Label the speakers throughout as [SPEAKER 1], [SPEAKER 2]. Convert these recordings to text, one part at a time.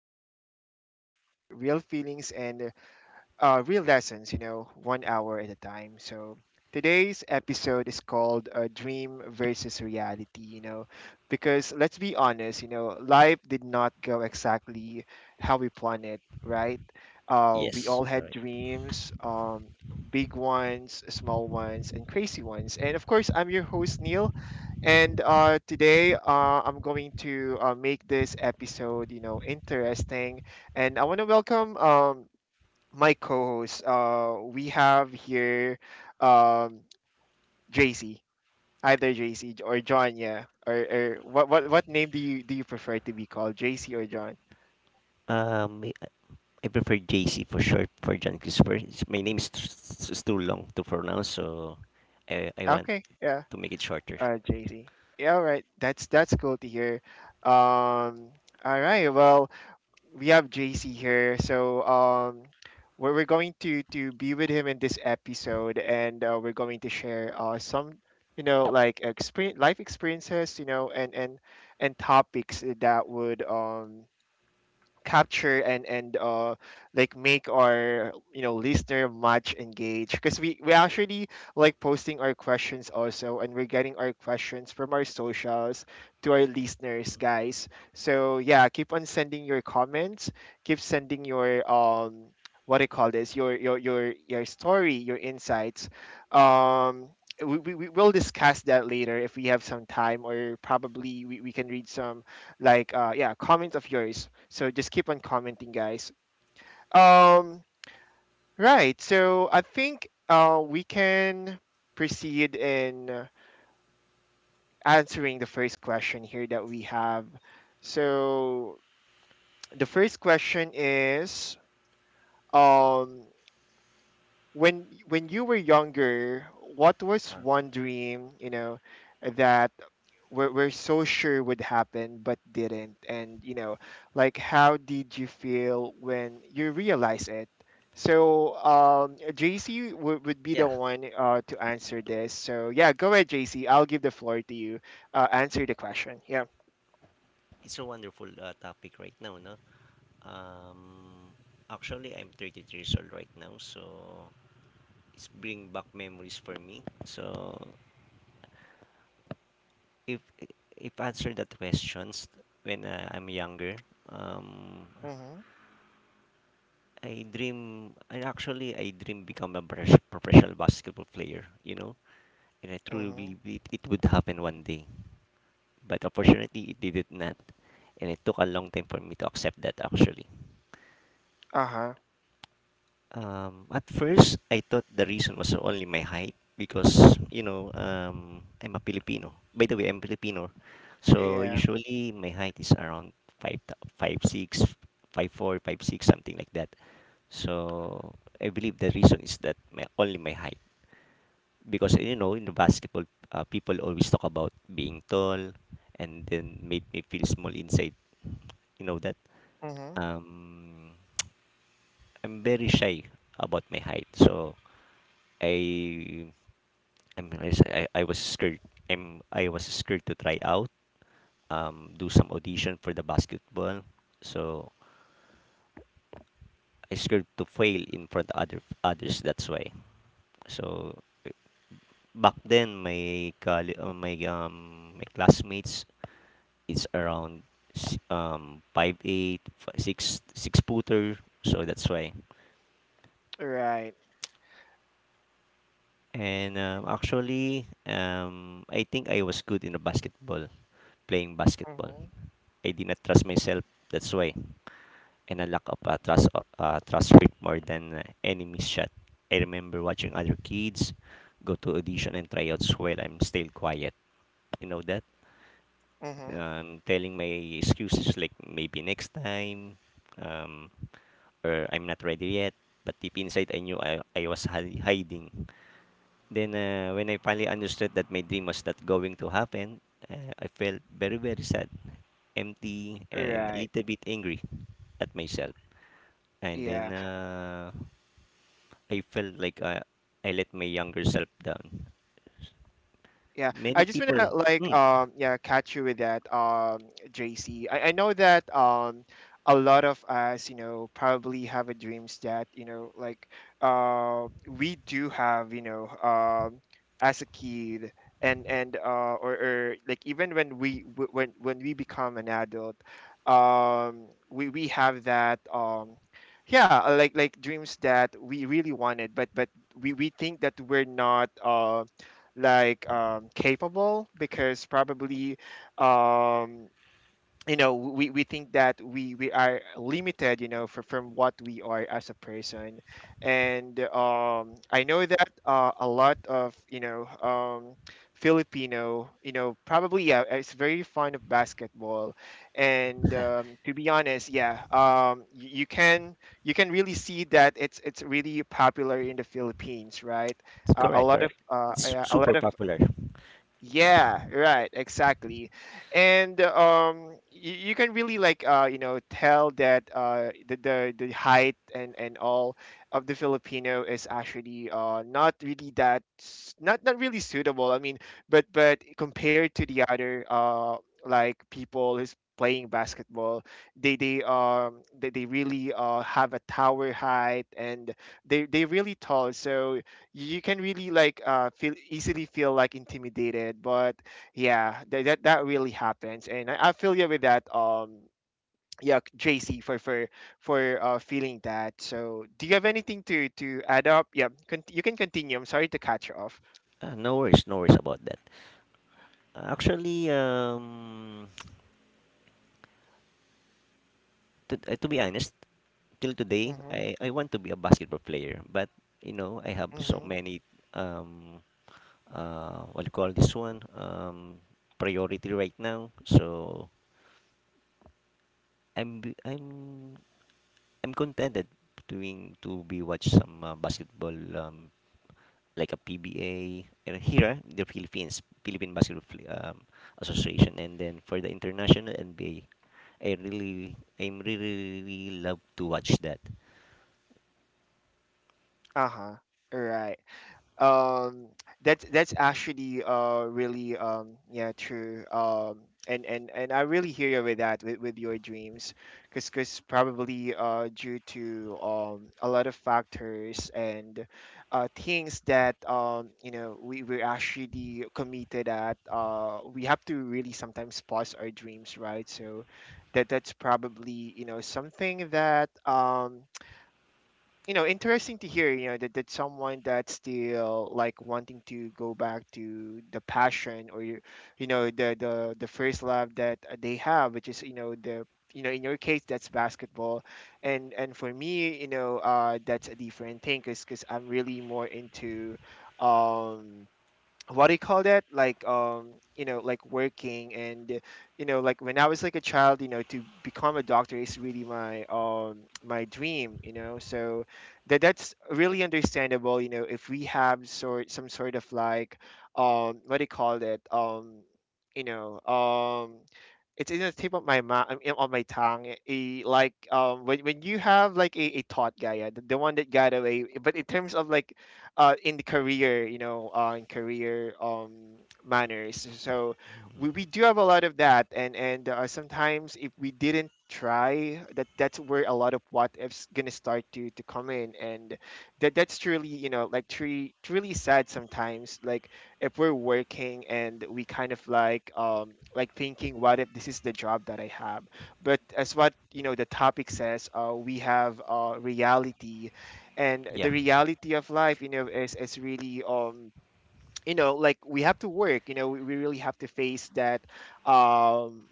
[SPEAKER 1] talk about real life, real feelings, and real lessons, you know, 1 hour at a time. So today's episode is called Dream versus Reality, you know, because let's be honest, you know, life did not go exactly how we planned it, right? We
[SPEAKER 2] Yes,
[SPEAKER 1] all had
[SPEAKER 2] correct.
[SPEAKER 1] dreams, big ones, small ones, and crazy ones. And of course, I'm your host, Neil. And today, I'm going to make this episode, you know, interesting. And I want to welcome my co-host. We have here, um, JC, either JC or John. Yeah, or what name do you prefer to be called, JC or John?
[SPEAKER 2] Um, I I prefer JC for short for John Christopher. My name is too long to pronounce, so I want
[SPEAKER 1] Okay, yeah,
[SPEAKER 2] to make it shorter.
[SPEAKER 1] JC. Yeah, all right. That's cool to hear. Um, all right. Well, we have JC here. So we're going to be with him in this episode, and we're going to share some you know like experience life experiences, you know, and topics that would capture and like make our you know listener much engaged because we actually like posting our questions also, and we're getting our questions from our socials to our listeners,
[SPEAKER 2] Mm.
[SPEAKER 1] guys. So yeah, keep on sending your comments, keep sending your what do you call this, your your story, your insights. um we will discuss that later if we have some time, or probably we can read some like yeah comments of yours. So just keep on commenting, guys. Um, right. So I think we can proceed in answering the first question here that we have. So the first question is. Um, when you were younger, what was one dream, you know, that we're so sure would happen but didn't? And, you know, like how did you feel when you realize it? So, JC would be the
[SPEAKER 2] Yeah,
[SPEAKER 1] one to answer this. So, yeah, go ahead, JC. I'll give the floor to you. Answer the question. Yeah.
[SPEAKER 2] it's a wonderful topic right now, no? Um, Actually, I'm 33 years old right now, so it's bring back memories for me. So if if answer that questions when I'm younger, um,
[SPEAKER 1] Mm-hmm.
[SPEAKER 2] I dream, and actually, I dream become a professional basketball player, you know, and I truly
[SPEAKER 1] Mm-hmm.
[SPEAKER 2] believe it would happen one day. But unfortunately, it did it not, and it took a long time for me to accept that actually.
[SPEAKER 1] Uh-huh.
[SPEAKER 2] At first, I thought the reason was only my height because, you know, I'm a Filipino. By the way, I'm Filipino, so
[SPEAKER 1] Yeah.
[SPEAKER 2] usually my height is around five, five six, five four, five six, something like that. So I believe the reason is that my only my height. Because you know in the basketball, people always talk about being tall, and then made me feel small inside, you know that
[SPEAKER 1] Mm-hmm.
[SPEAKER 2] um I'm very shy about my height. So i I was scared, I'm I was scared to try out, do some audition for the basketball. So I scared to fail in front of other others, that's why. So back then, my my classmates, it's around five eight, six six footer, so that's why.
[SPEAKER 1] Right.
[SPEAKER 2] And actually, I think I was good in the basketball, playing basketball.
[SPEAKER 1] Mm-hmm.
[SPEAKER 2] I did not trust myself, that's why. And I lack of trust, trust rate more than any missed shot. I remember watching other kids go to audition and tryouts while I'm still quiet. You know that?
[SPEAKER 1] Mm-hmm.
[SPEAKER 2] I'm telling my excuses like maybe next time, um, or I'm not ready yet. But deep inside, I knew I was hiding. Then, when I finally understood that my dream was not going to happen, I felt very, very sad, empty, and a
[SPEAKER 1] Right.
[SPEAKER 2] little bit angry at myself. And then
[SPEAKER 1] Yeah.
[SPEAKER 2] I felt like I let my younger self down.
[SPEAKER 1] Yeah,
[SPEAKER 2] Many
[SPEAKER 1] I just
[SPEAKER 2] people,
[SPEAKER 1] wanna like
[SPEAKER 2] mm,
[SPEAKER 1] yeah catch you with that JC. I know that a lot of us, you know, probably have a dreams that you know like we do have you know as a kid, and and or like even when we when we become an adult, we have that yeah, like dreams that we really wanted, but we think that we're not like capable because probably um, you know we think that we are limited you know from what we are as a person. And I know that a lot of you know Filipino you know probably yeah, it's very fond of basketball. And to be honest, yeah, you can, you can really see that it's really popular in the Philippines, right? A
[SPEAKER 2] Correct,
[SPEAKER 1] lot of
[SPEAKER 2] correct. It's
[SPEAKER 1] yeah, a lot
[SPEAKER 2] super
[SPEAKER 1] of
[SPEAKER 2] popular.
[SPEAKER 1] yeah, right, exactly. And you can really like you know tell that the height and all of the Filipino is actually not really that not really suitable. I mean, but compared to the other like people who's playing basketball, they really have a tower height, and they really tall. So you can really like feel, easily feel like intimidated, but yeah, that really happens, and I feel you with that yeah, JC, for feeling that. So do you have anything to add up? Yeah, you can continue. I'm sorry to cut you off.
[SPEAKER 2] Ah, no worries, no worries about that. Actually, to be honest, till today,
[SPEAKER 1] Mm-hmm,
[SPEAKER 2] I want to be a basketball player, but you know, I have so
[SPEAKER 1] mm-hmm.
[SPEAKER 2] many um, what do you call this one, priority right now. So I'm b- I'm contented doing to be watch some basketball, like a PBA, and here the Philippines Philippine Basketball Association, and then for the international NBA, I really, really love to watch that.
[SPEAKER 1] Uh-huh. All right. um that's actually really yeah true and I really hear you with that, with your dreams, because probably due to a lot of factors and things that you know we we're actually committed at, we have to really sometimes pause our dreams, right? So that's probably, you know, something that you know interesting to hear, you know, that someone that's still like wanting to go back to the passion, or you know the first love that they have, which is you know the, you know in your case that's basketball. And for me you know that's a different thing because I'm really more into um what do you call that, like you know like working. And you know, like when I was like a child, you know to become a doctor is really my my dream, you know. So that's really understandable, you know, if we have sort, some sort of like what do you call that, you know it's in the tip of my mouth, on my tongue a, like when you have like a thought gaia the one that got away, but in terms of like in the career, you know, in career manners. So we do have a lot of that, and sometimes if we didn't try, that's where a lot of what ifs gonna start to come in. And that's truly, you know, like truly truly sad sometimes. Like if we're working and we kind of like thinking, what if this is the job that I have? But as what you know the topic says, we have reality, and
[SPEAKER 2] Yeah,
[SPEAKER 1] the reality of life, you know, is really you know like we have to work, you know we really have to face that. um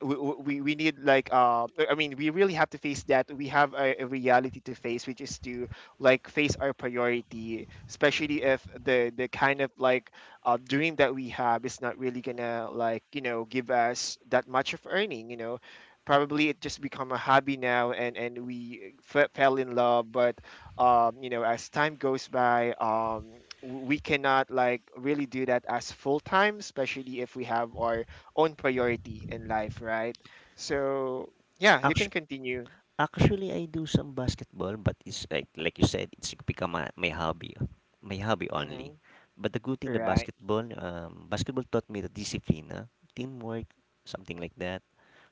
[SPEAKER 1] we need like I mean we really have to face that we have a reality to face, which is to like face our priority, especially if the the kind of like dream that we have is not really gonna like you know give us that much of earning, you know, probably it just become a hobby now, and we fell in love. But you know as time goes by, we cannot like really do that as full time, especially if we have our own priority in life, right? So yeah, you can
[SPEAKER 2] actually,
[SPEAKER 1] continue.
[SPEAKER 2] actually, I do some basketball, but it's like you said, it's become my hobby, my hobby only.
[SPEAKER 1] Mm-hmm.
[SPEAKER 2] But the good thing, the
[SPEAKER 1] Right,
[SPEAKER 2] basketball, basketball taught me the discipline, teamwork, something like that.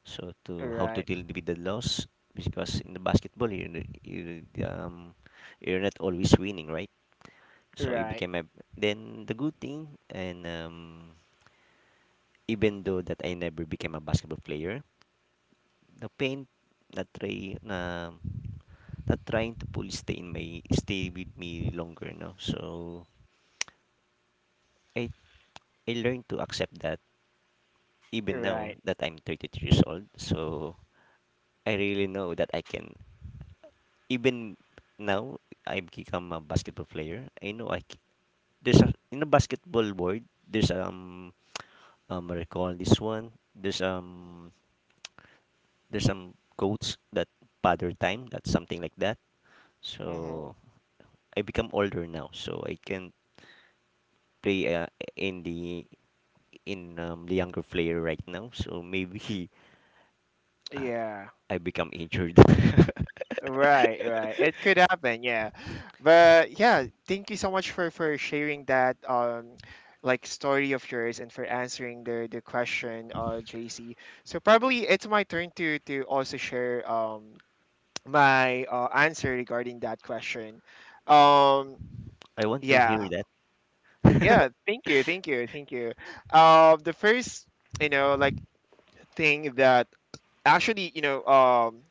[SPEAKER 2] So to how to
[SPEAKER 1] right,
[SPEAKER 2] deal with the loss, because in the basketball, you um, you're not always winning, right? So it
[SPEAKER 1] right,
[SPEAKER 2] became a, then the good thing, and even though that I never became a basketball player, the pain not try na not trying to fully stay in my stay with me longer, no. So i I learned to accept that, even now
[SPEAKER 1] right.
[SPEAKER 2] that I'm 33 years old, so I really know that I can, even now, I become a basketball player. I know there's a, in a basketball board, there's I recall this one, there's some quotes that father time, that's something like that.
[SPEAKER 1] Mm-hmm.
[SPEAKER 2] So I become older now, so I can play in the, in the younger player right now. So maybe uh,
[SPEAKER 1] Yeah.
[SPEAKER 2] I become injured.
[SPEAKER 1] Right, right. It could happen, yeah. But yeah, thank you so much for sharing that like story of yours, and for answering the question, JC. So probably it's my turn to also share my answer regarding that question. Um
[SPEAKER 2] I want to hear
[SPEAKER 1] yeah,
[SPEAKER 2] that.
[SPEAKER 1] yeah, thank you, thank you, thank you. The first, you know, like thing that actually, you know,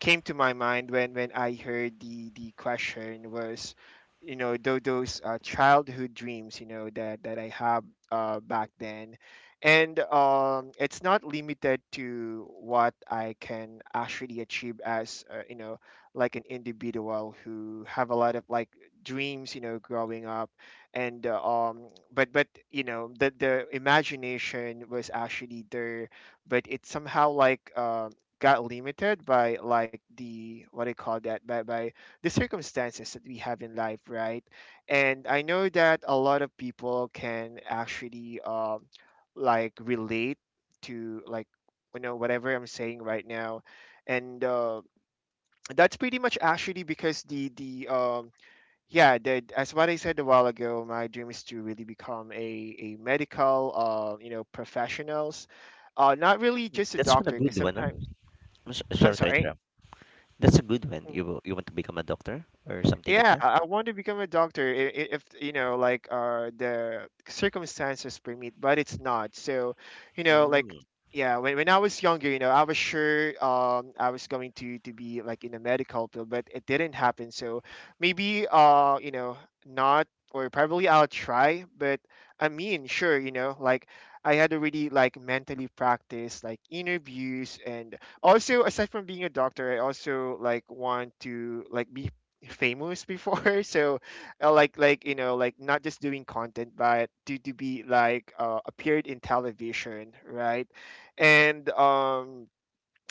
[SPEAKER 1] came to my mind when I heard the question was, you know, those childhood dreams, you know, that that I have back then, and it's not limited to what I can actually achieve as you know, like an individual who have a lot of like dreams, you know, growing up, and but you know, the imagination was actually there, but it somehow like got limited by like the, what do you call that, by the circumstances that we have in life, right? And I know that a lot of people can actually like relate to like you know whatever I'm saying right now. And that's pretty much actually because the yeah, the, as what I said a while ago, my dream is to really become a medical, you know, professionals. Not really just a
[SPEAKER 2] That's not a
[SPEAKER 1] doctor, because
[SPEAKER 2] good one. Huh?
[SPEAKER 1] sometimes
[SPEAKER 2] I'm
[SPEAKER 1] I'm
[SPEAKER 2] sorry to
[SPEAKER 1] sorry.
[SPEAKER 2] interrupt. That's a good one.
[SPEAKER 1] Mm-hmm.
[SPEAKER 2] You want to become a doctor or something like
[SPEAKER 1] Yeah,
[SPEAKER 2] that?
[SPEAKER 1] I want to become a doctor if you know, like, the circumstances permit, but it's not. So, you know, like,
[SPEAKER 2] Mm,
[SPEAKER 1] yeah, when I was younger, you know, I was sure I was going to be like in a medical field, but it didn't happen. So maybe not, or probably I'll try. But I mean sure, I had already like mentally practiced like interviews. And also, aside from being a doctor, I also like want to like be famous before so not just doing content, but to be like appeared in television, right? And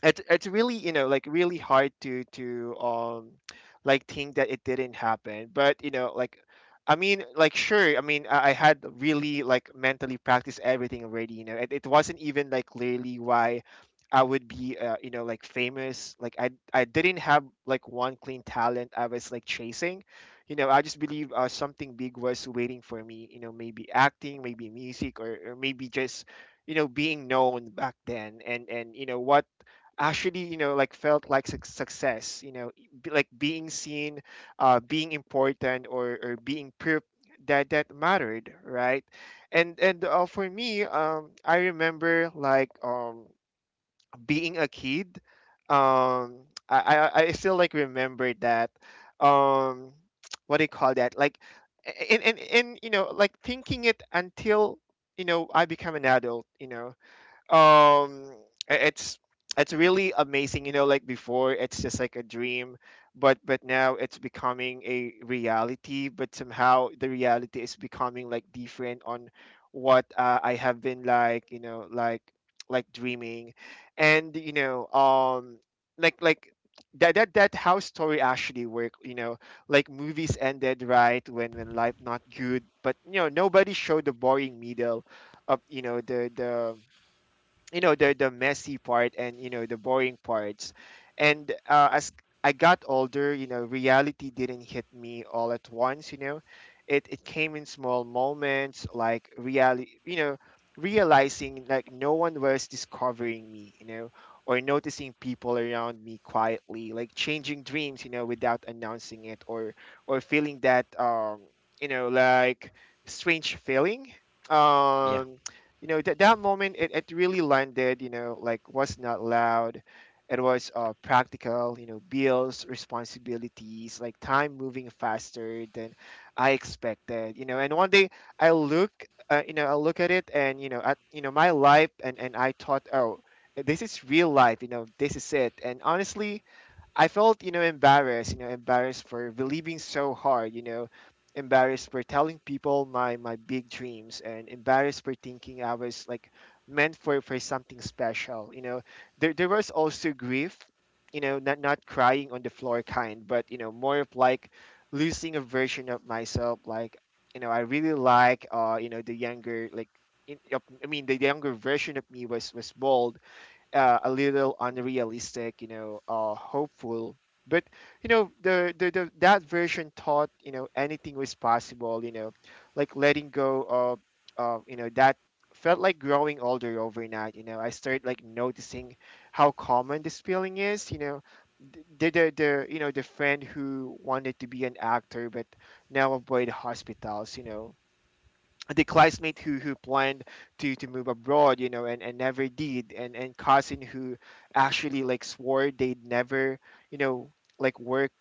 [SPEAKER 1] it's really, you know, like really hard to like think that it didn't happen. But you know, sure. I mean, I had really like mentally practiced everything already, you know. It wasn't even like clearly why I would be, you know, like famous. Like I didn't have like one clean talent I was like chasing. You know, I just believe, something big was waiting for me, you know, maybe acting, maybe music, or maybe just you know being known back then. And you know what? Actually, you know, like felt like success, you know, like being seen, being important, or being that mattered, right? And for me, I remember like being a kid. um I still like remember that. um what do you call that, like? And you know, like thinking it until you know I become an adult, you know. um it's really amazing, you know. Like before, it's just like a dream, but now it's becoming a reality, but somehow the reality is becoming like different on what, I have been like, you know, dreaming. And you know, like like that how story actually work, you know. Like movies ended right when life not good, but you know, nobody showed the boring middle of, you know, the you know, the messy part, and you know, the boring parts. And as I got older, you know, reality didn't hit me all at once, you know. It came in small moments, like reality, you know, realizing like no one was discovering me, you know, or noticing people around me quietly like changing dreams, you know, without announcing it, or feeling that you know like strange feeling.
[SPEAKER 2] yeah,
[SPEAKER 1] um you know, that moment, it really landed, you know, like was not loud. It was, practical, you know, bills, responsibilities, like time moving faster than I expected, you know. And one day I look, you know, I look at it, and you know, at you know my life, and I thought, oh, this is real life, you know, this is it. And honestly, I felt, you know, embarrassed for believing so hard, you know, embarrassed for telling people my big dreams, and embarrassed for thinking I was like meant for something special, you know. There was also grief, you know, not crying on the floor kind, but you know, more of like losing a version of myself, like, you know. I really like, you know, the younger like I mean, the younger version of me was bold, a little unrealistic, you know, hopeful. But you know, the that version thought, you know, anything was possible. You know, like letting go of you know that felt like growing older overnight. You know, I started like noticing how common this feeling is. You know, the you know, the friend who wanted to be an actor but now avoid hospitals. You know, the classmate who planned to move abroad, you know, and never did. And cousin who actually like swore they'd never, you know, like work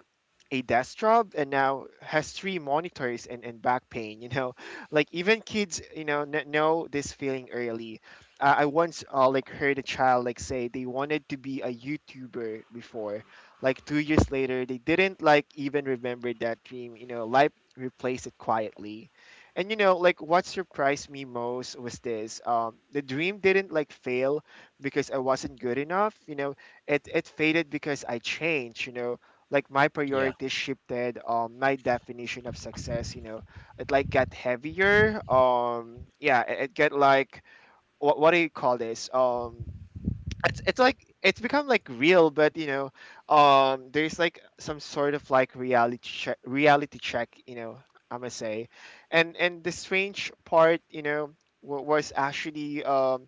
[SPEAKER 1] a desk job, and now has three monitors, and back pain, you know. Like even kids, you know, know this feeling early. I once, like heard a child like say they wanted to be a youtuber before, like 2 years later, they didn't like even remember that dream, you know. Life replaced it quietly. And you know, like what surprised me most was this. The dream didn't like fail because I wasn't good enough. You know, it faded because I changed. You know, like my
[SPEAKER 2] yeah,
[SPEAKER 1] priorities shifted. My definition of success, you know, it like got heavier. Yeah, it got like what do you call this? It's like it's become like real, but you know, there's like some sort of like reality check, reality check, you know, I must say. And the strange part, you know, was actually,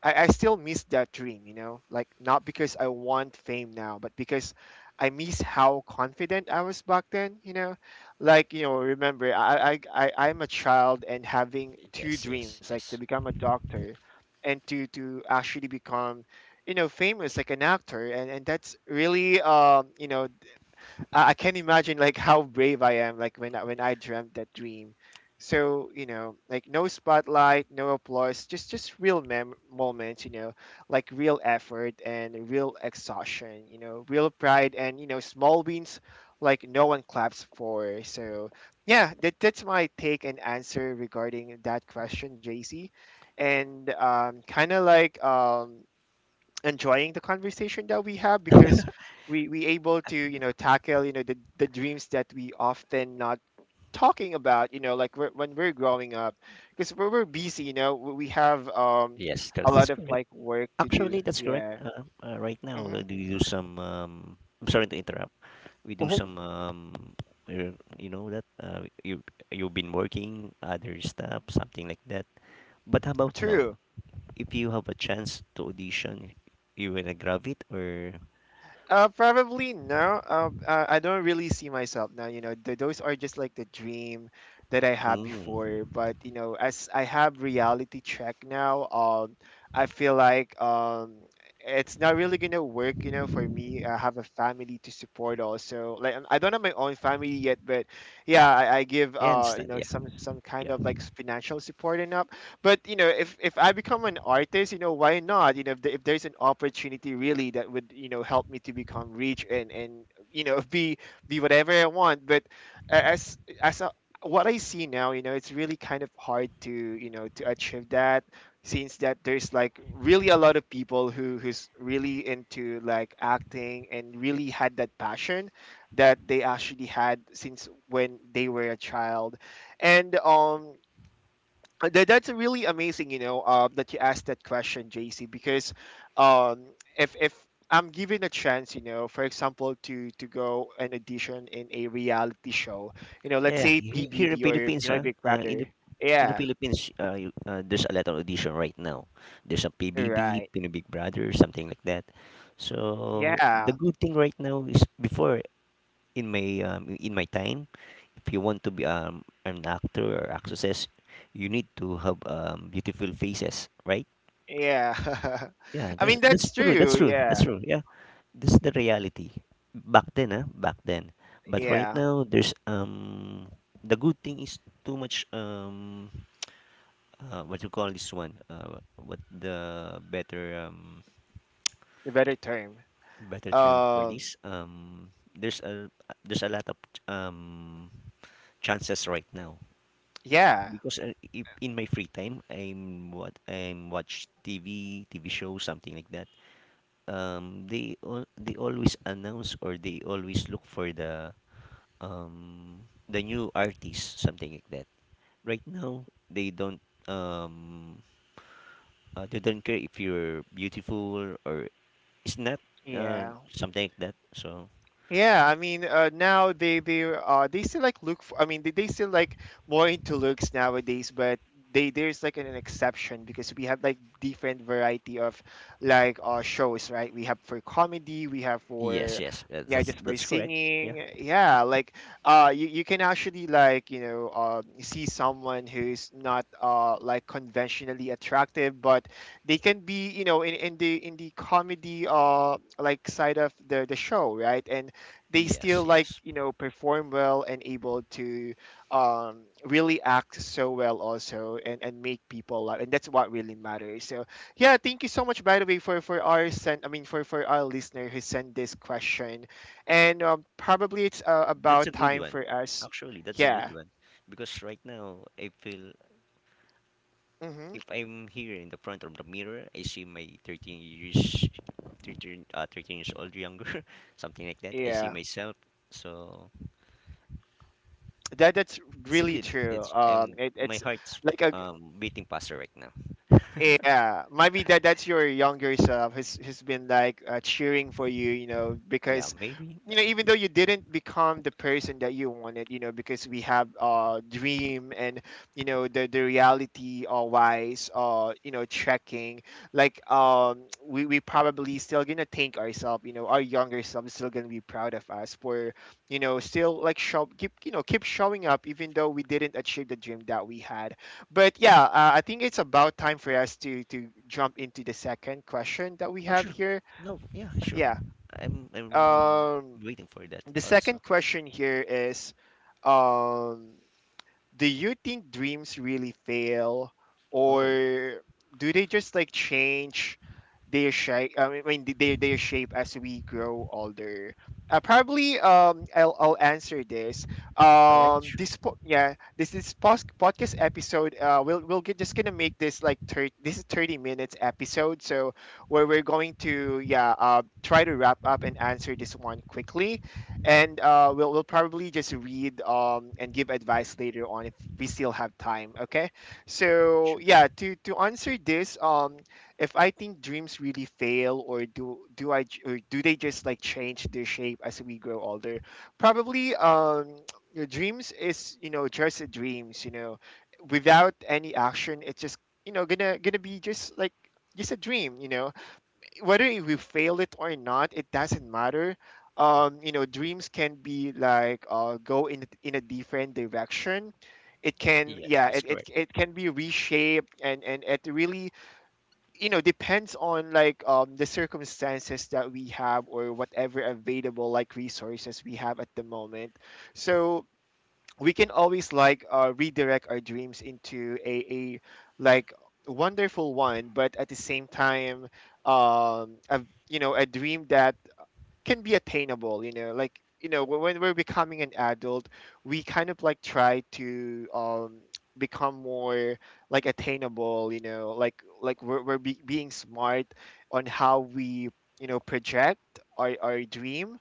[SPEAKER 1] I still miss that dream, you know, like not because I want fame now, but because I miss how confident I was back then, you know. Like, you know, remember I'm a child and having two
[SPEAKER 2] yes,
[SPEAKER 1] dreams,
[SPEAKER 2] yes,
[SPEAKER 1] like to
[SPEAKER 2] yes,
[SPEAKER 1] become a doctor and to actually become, you know, famous like an actor. And that's really, you know, I can imagine like how brave I am like when when I dreamt that dream. So you know, like no spotlight, no applause, just real moments. You know, like real effort and real exhaustion. You know, real pride and you know small wins like no one claps for. So yeah, that's my take and answer regarding that question, JC. And kind of like, enjoying the conversation that we have because we able to you know tackle, you know, the dreams that we often not talking about, you know, like when we're growing up, because we're busy, you know, we have
[SPEAKER 2] yes.
[SPEAKER 1] a
[SPEAKER 2] Because
[SPEAKER 1] lot
[SPEAKER 2] that's
[SPEAKER 1] of
[SPEAKER 2] correct.
[SPEAKER 1] like work to do.
[SPEAKER 2] Actually, that's correct.
[SPEAKER 1] Yeah.
[SPEAKER 2] Right now,
[SPEAKER 1] Mm-hmm.
[SPEAKER 2] do you do some? I'm sorry to interrupt. We do
[SPEAKER 1] Hmm.
[SPEAKER 2] some. You know that you've been working other stuff, something like that. But how about now?
[SPEAKER 1] True.
[SPEAKER 2] If you have a chance to audition, you wanna grab it or?
[SPEAKER 1] Probably no. I don't really see myself now. You know, those are just like the dream that I had before.
[SPEAKER 2] Mm,
[SPEAKER 1] But you know, as I have reality check now, I feel like, it's not really gonna work. You know, for me, I have a family to support also. Like, I don't have my own family yet, but yeah, I give,
[SPEAKER 2] I
[SPEAKER 1] you
[SPEAKER 2] understand.
[SPEAKER 1] know,
[SPEAKER 2] Yeah,
[SPEAKER 1] some kind
[SPEAKER 2] yeah,
[SPEAKER 1] of like financial support and up. But you know, if I become an artist, you know, why not, you know, if there's an opportunity really that would, you know, help me to become rich, and you know be whatever I want. But as a, what I see now, you know, it's really kind of hard to, you know, to achieve that, since that there's like really a lot of people who who's really into like acting and really had that passion that they actually had since when they were a child. And that's really amazing, you know, that you asked that question, JC. Because if I'm given a chance, you know, for example, to go an audition in a reality show, you know, let's
[SPEAKER 2] yeah, yeah.
[SPEAKER 1] say
[SPEAKER 2] Here in
[SPEAKER 1] PBB or
[SPEAKER 2] Philippines,
[SPEAKER 1] Pinoy Big Brother.
[SPEAKER 2] in the
[SPEAKER 1] Yeah,
[SPEAKER 2] Philippines, you, there's a lot of audition right now. There's a PBB,
[SPEAKER 1] right,
[SPEAKER 2] Pinoy Big Brother, something like that. So the
[SPEAKER 1] yeah,
[SPEAKER 2] good thing right now is before, in my time, if you want to be an actor or actress, you need to have beautiful faces, right?
[SPEAKER 1] yeah.
[SPEAKER 2] Yeah,
[SPEAKER 1] I
[SPEAKER 2] that's
[SPEAKER 1] mean,
[SPEAKER 2] that's
[SPEAKER 1] that's
[SPEAKER 2] true, that's
[SPEAKER 1] true,
[SPEAKER 2] true, that's
[SPEAKER 1] yeah,
[SPEAKER 2] true, yeah. That's the reality. Back then. But right
[SPEAKER 1] yeah.
[SPEAKER 2] now, the good thing is too much, what you call this one? What the better,
[SPEAKER 1] The better term,
[SPEAKER 2] better term for
[SPEAKER 1] um,
[SPEAKER 2] this? There's a, there's a lot of, um, chances right now.
[SPEAKER 1] yeah,
[SPEAKER 2] Because if in my free time, I'm watch TV, TV show, something like that. They always announce or they always look for the new artist, something like that. Right now, um, they don't care if you're beautiful or it's not, uh,
[SPEAKER 1] yeah.
[SPEAKER 2] something like that. So
[SPEAKER 1] Yeah, I mean, now, they they still like look for, I mean, they still like more into looks nowadays. But they there's like an exception, because we have like different variety of like, shows, right? We have for comedy, we have
[SPEAKER 2] yes,
[SPEAKER 1] for,
[SPEAKER 2] yes,
[SPEAKER 1] yeah,
[SPEAKER 2] that's
[SPEAKER 1] just for
[SPEAKER 2] that's correct. Yeah.
[SPEAKER 1] singing. Yeah, like, you, you can actually, like, you know, see someone who's not like conventionally attractive, but they can be, you know, in the, in the comedy, like side of the show, right? And they still
[SPEAKER 2] Yes,
[SPEAKER 1] like,
[SPEAKER 2] yes.
[SPEAKER 1] you know, perform well and able to, really act so well also. And make people laugh, and that's what really matters. So yeah, thank you so much, by the way, for our send I mean for our listener who sent this question. And probably it's,
[SPEAKER 2] That's a
[SPEAKER 1] about
[SPEAKER 2] good
[SPEAKER 1] time
[SPEAKER 2] one.
[SPEAKER 1] for us.
[SPEAKER 2] Actually, that's a good
[SPEAKER 1] Yeah.
[SPEAKER 2] one because right now I feel,
[SPEAKER 1] Hmm.
[SPEAKER 2] if I'm here in the front of the mirror, I see my 13 years, 13, 13 years old, younger, something like that. I see
[SPEAKER 1] Yeah,
[SPEAKER 2] myself, so
[SPEAKER 1] that's
[SPEAKER 2] it's a
[SPEAKER 1] really
[SPEAKER 2] good.
[SPEAKER 1] true.
[SPEAKER 2] It's my
[SPEAKER 1] It's
[SPEAKER 2] heart's
[SPEAKER 1] like a,
[SPEAKER 2] beating faster right now.
[SPEAKER 1] yeah. Maybe that's your younger self who's been like, cheering for you, you know.
[SPEAKER 2] Yeah,
[SPEAKER 1] Because
[SPEAKER 2] maybe.
[SPEAKER 1] you know, even
[SPEAKER 2] Yeah.
[SPEAKER 1] though you didn't become the person that you wanted, you know, because we have dream. And you know, the reality, wise, you know, checking, like, we probably still gonna thank ourselves, you know. Our younger self is still gonna be proud of us for, you know, still like show keep, you know, keep showing up even though we didn't achieve the dream that we had. But yeah, I think it's about time for us to jump into the second question that we
[SPEAKER 2] Oh,
[SPEAKER 1] have
[SPEAKER 2] sure.
[SPEAKER 1] here.
[SPEAKER 2] No. Yeah, sure.
[SPEAKER 1] Yeah.
[SPEAKER 2] I'm um,
[SPEAKER 1] um
[SPEAKER 2] waiting for that
[SPEAKER 1] the
[SPEAKER 2] also.
[SPEAKER 1] second question here is, um do you think dreams really fail,
[SPEAKER 2] Oh,
[SPEAKER 1] or do they just like change their shape? I mean, their shape as we grow older? Probably, I'll, answer this,
[SPEAKER 2] all right. Sure.
[SPEAKER 1] this po- yeah this pos- podcast episode. We'll get, just gonna make this like 30, this is 30 minutes episode, so where we're going to, yeah, try to wrap up and answer this one quickly. And, we'll probably just read, and give advice later on if we still have time. Okay, so
[SPEAKER 2] Sure.
[SPEAKER 1] yeah, to answer this, if I think dreams really fail or do or do they just like change their shape as we grow older? Probably. Your dreams is you know just a dreams you know without any action it's just you know gonna be just like just a dream you know whether if we fail it or not, it doesn't matter. You know, dreams can be like go in a different direction. It can,
[SPEAKER 2] Yes,
[SPEAKER 1] yeah,
[SPEAKER 2] that's
[SPEAKER 1] it, it,
[SPEAKER 2] correct.
[SPEAKER 1] it can be reshaped and it really, you know, depends on like the circumstances that we have or whatever available like resources we have at the moment. So we can always like redirect our dreams into a like wonderful one, but at the same time you know, a dream that can be attainable, you know, like you know when we're becoming an adult, we kind of like try to become more like attainable, you know, like we're being smart on how we you know project our dream.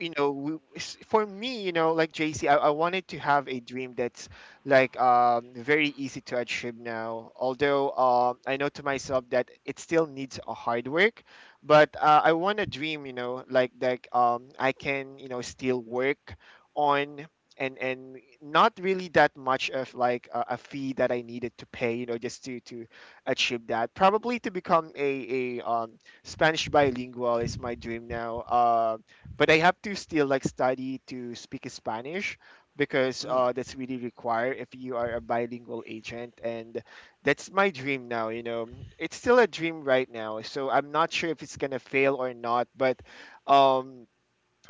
[SPEAKER 1] You know, for me, you know, like JC, I wanted to have a dream that's like very easy to achieve now, although I know to myself that it still needs a hard work, but I want a dream, you know, like I can you know still work on, and not really that much of like a fee that I needed to pay, you know, just to achieve that. Probably to become a Spanish bilingual is my dream now. But I have to still like study to speak Spanish, because
[SPEAKER 2] Mm,
[SPEAKER 1] that's really required if you are a bilingual agent, and that's my dream now. You know, it's still a dream right now, so I'm not sure if it's gonna fail or not, but um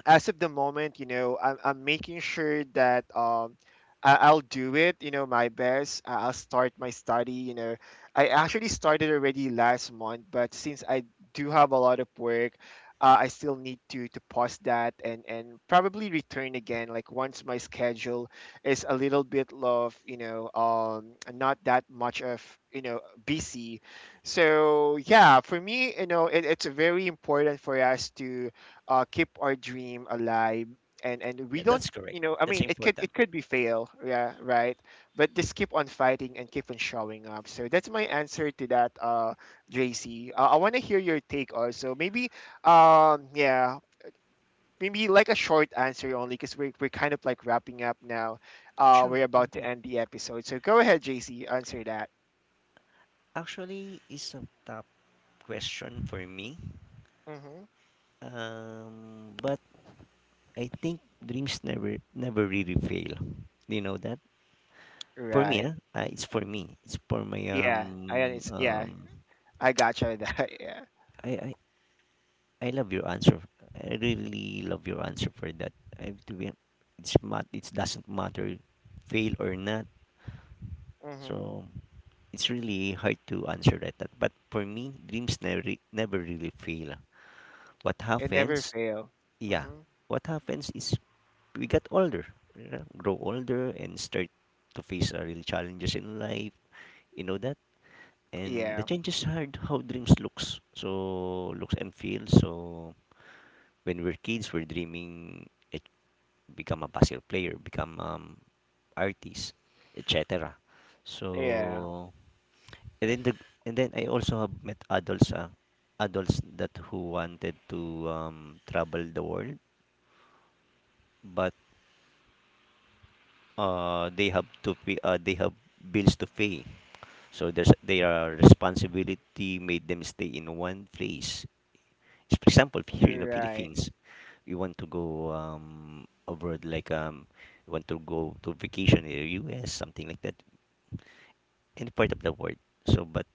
[SPEAKER 1] as of the moment, you know, I'm making sure that I'll do it, you know, my best. I'll start my study, you know. I actually started already last month, but since I do have a lot of work, I still need to pause that and probably return again. Like once my schedule is a little bit of you know not that much of you know busy. So yeah, for me, you know, it's very important for us to keep our dream alive, and we
[SPEAKER 2] yeah,
[SPEAKER 1] don't,
[SPEAKER 2] that's
[SPEAKER 1] you
[SPEAKER 2] correct.
[SPEAKER 1] know, I
[SPEAKER 2] That's
[SPEAKER 1] mean, it could
[SPEAKER 2] important.
[SPEAKER 1] it could be fail, yeah, right, but just keep on fighting and keep on showing up. So that's my answer to that. JC, I want to hear your take also. Maybe um yeah maybe like a short answer only, because we're kind of like wrapping up now.
[SPEAKER 2] Sure.
[SPEAKER 1] We're about to
[SPEAKER 2] Yeah.
[SPEAKER 1] end the episode, so go ahead, JC, answer that.
[SPEAKER 2] Actually, it's a tough question for me.
[SPEAKER 1] Mm-hmm.
[SPEAKER 2] But I think dreams never really fail. Do you know that? For me,
[SPEAKER 1] Right.
[SPEAKER 2] huh? It's for me. It's for my.
[SPEAKER 1] Yeah, I it's yeah, I gotcha that. Yeah.
[SPEAKER 2] I, I I love your answer. I really love your answer for that. I have to be. It doesn't matter, fail or not.
[SPEAKER 1] Mm-hmm.
[SPEAKER 2] So it's really hard to answer that. But for me, dreams never really fail. What
[SPEAKER 1] It never
[SPEAKER 2] happens?
[SPEAKER 1] fail.
[SPEAKER 2] Yeah,
[SPEAKER 1] Mm-hmm.
[SPEAKER 2] what happens is we got older, you know, grow older, and start to face real challenges in life. You know that, and the
[SPEAKER 1] Yeah,
[SPEAKER 2] changes hard how dreams looks, so looks and feels. So when we're kids, we're dreaming it become a basketball player, become artist, etc.
[SPEAKER 1] yeah,
[SPEAKER 2] So and then the and then I also have met adults, adults that who wanted to travel the world, but they have bills to pay. So there's their responsibility made them stay in one place. For example, here in the
[SPEAKER 1] right,
[SPEAKER 2] Philippines, we want to go abroad, like we want to go to vacation in the U.S., something like that, any part of the world. So, but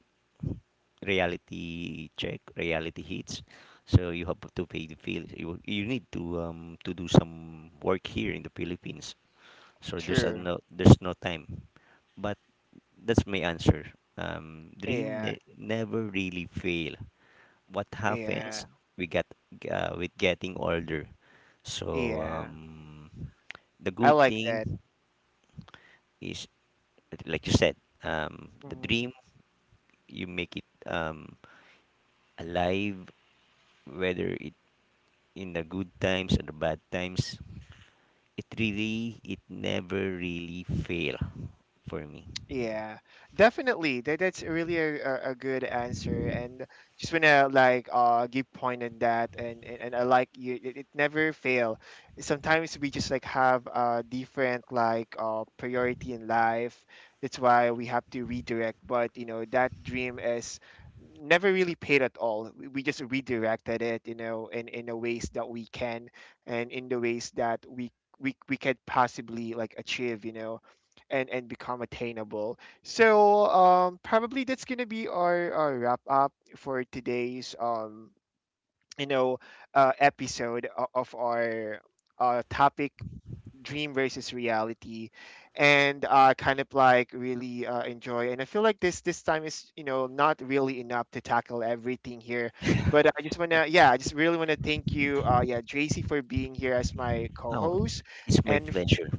[SPEAKER 2] reality check, reality hits. So you have to pay the fee. You need to do some work here in the Philippines. So
[SPEAKER 1] true.
[SPEAKER 2] there's no time, but that's my answer. Dream
[SPEAKER 1] Yeah,
[SPEAKER 2] never really fail. What happens?
[SPEAKER 1] yeah,
[SPEAKER 2] We get with getting older. So
[SPEAKER 1] yeah.
[SPEAKER 2] the
[SPEAKER 1] I
[SPEAKER 2] good
[SPEAKER 1] like that.
[SPEAKER 2] thing is, like you said, the
[SPEAKER 1] Mm-hmm.
[SPEAKER 2] dream you make it alive, whether it in the good times or the bad times. It really, it never really fail for me.
[SPEAKER 1] Yeah, definitely. That's really a good answer, and just wanna like give point on that, and I like you. It never fail. Sometimes we just like have a different like priority in life. That's why we have to redirect. But you know that dream is never really paid at all. We just redirected it, you know, in the ways that we can, and in the ways that we we could possibly like achieve, you know, and become attainable. So probably that's gonna be our, wrap up for today's you know, episode of our topic, dream versus reality. And kind of like really enjoy, and I feel like this time is you know not really enough to tackle everything here, but I just want
[SPEAKER 2] Yeah.
[SPEAKER 1] to, yeah, I just really want to thank you, yeah, Tracy, for being here as my
[SPEAKER 2] Oh,
[SPEAKER 1] co-host.
[SPEAKER 2] it's my
[SPEAKER 1] And
[SPEAKER 2] pleasure.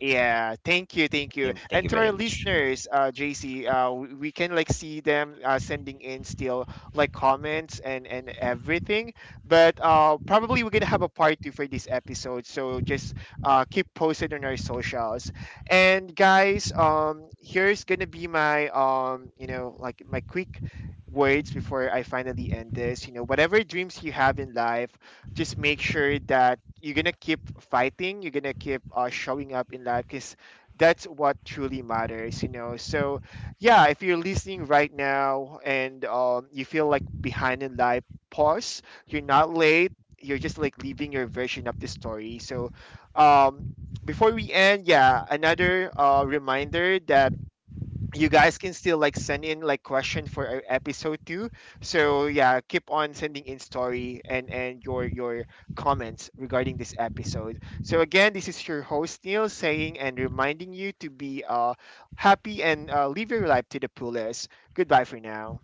[SPEAKER 1] yeah, thank you, thank you.
[SPEAKER 2] Thank
[SPEAKER 1] And
[SPEAKER 2] you
[SPEAKER 1] to our
[SPEAKER 2] very much.
[SPEAKER 1] listeners, JC, we can like see them sending in still like comments and everything. But probably we're gonna have a part two for this episode, so just keep posted on our socials. And guys, here's gonna be my you know, like my quick words before I finally end this. You know, whatever dreams you have in life, just make sure that you're gonna keep fighting, you're gonna keep showing up in life, because that's what truly matters, you know. So yeah, if you're listening right now and you feel like behind in life, pause, you're not late, you're just like leaving your version of the story. So um, before we end, yeah, another reminder that you guys can still like send in like question for episode two. So yeah, keep on sending in story and your comments regarding this episode. So again, this is your host Neil, saying and reminding you to be happy and live your life to the fullest. Goodbye for now.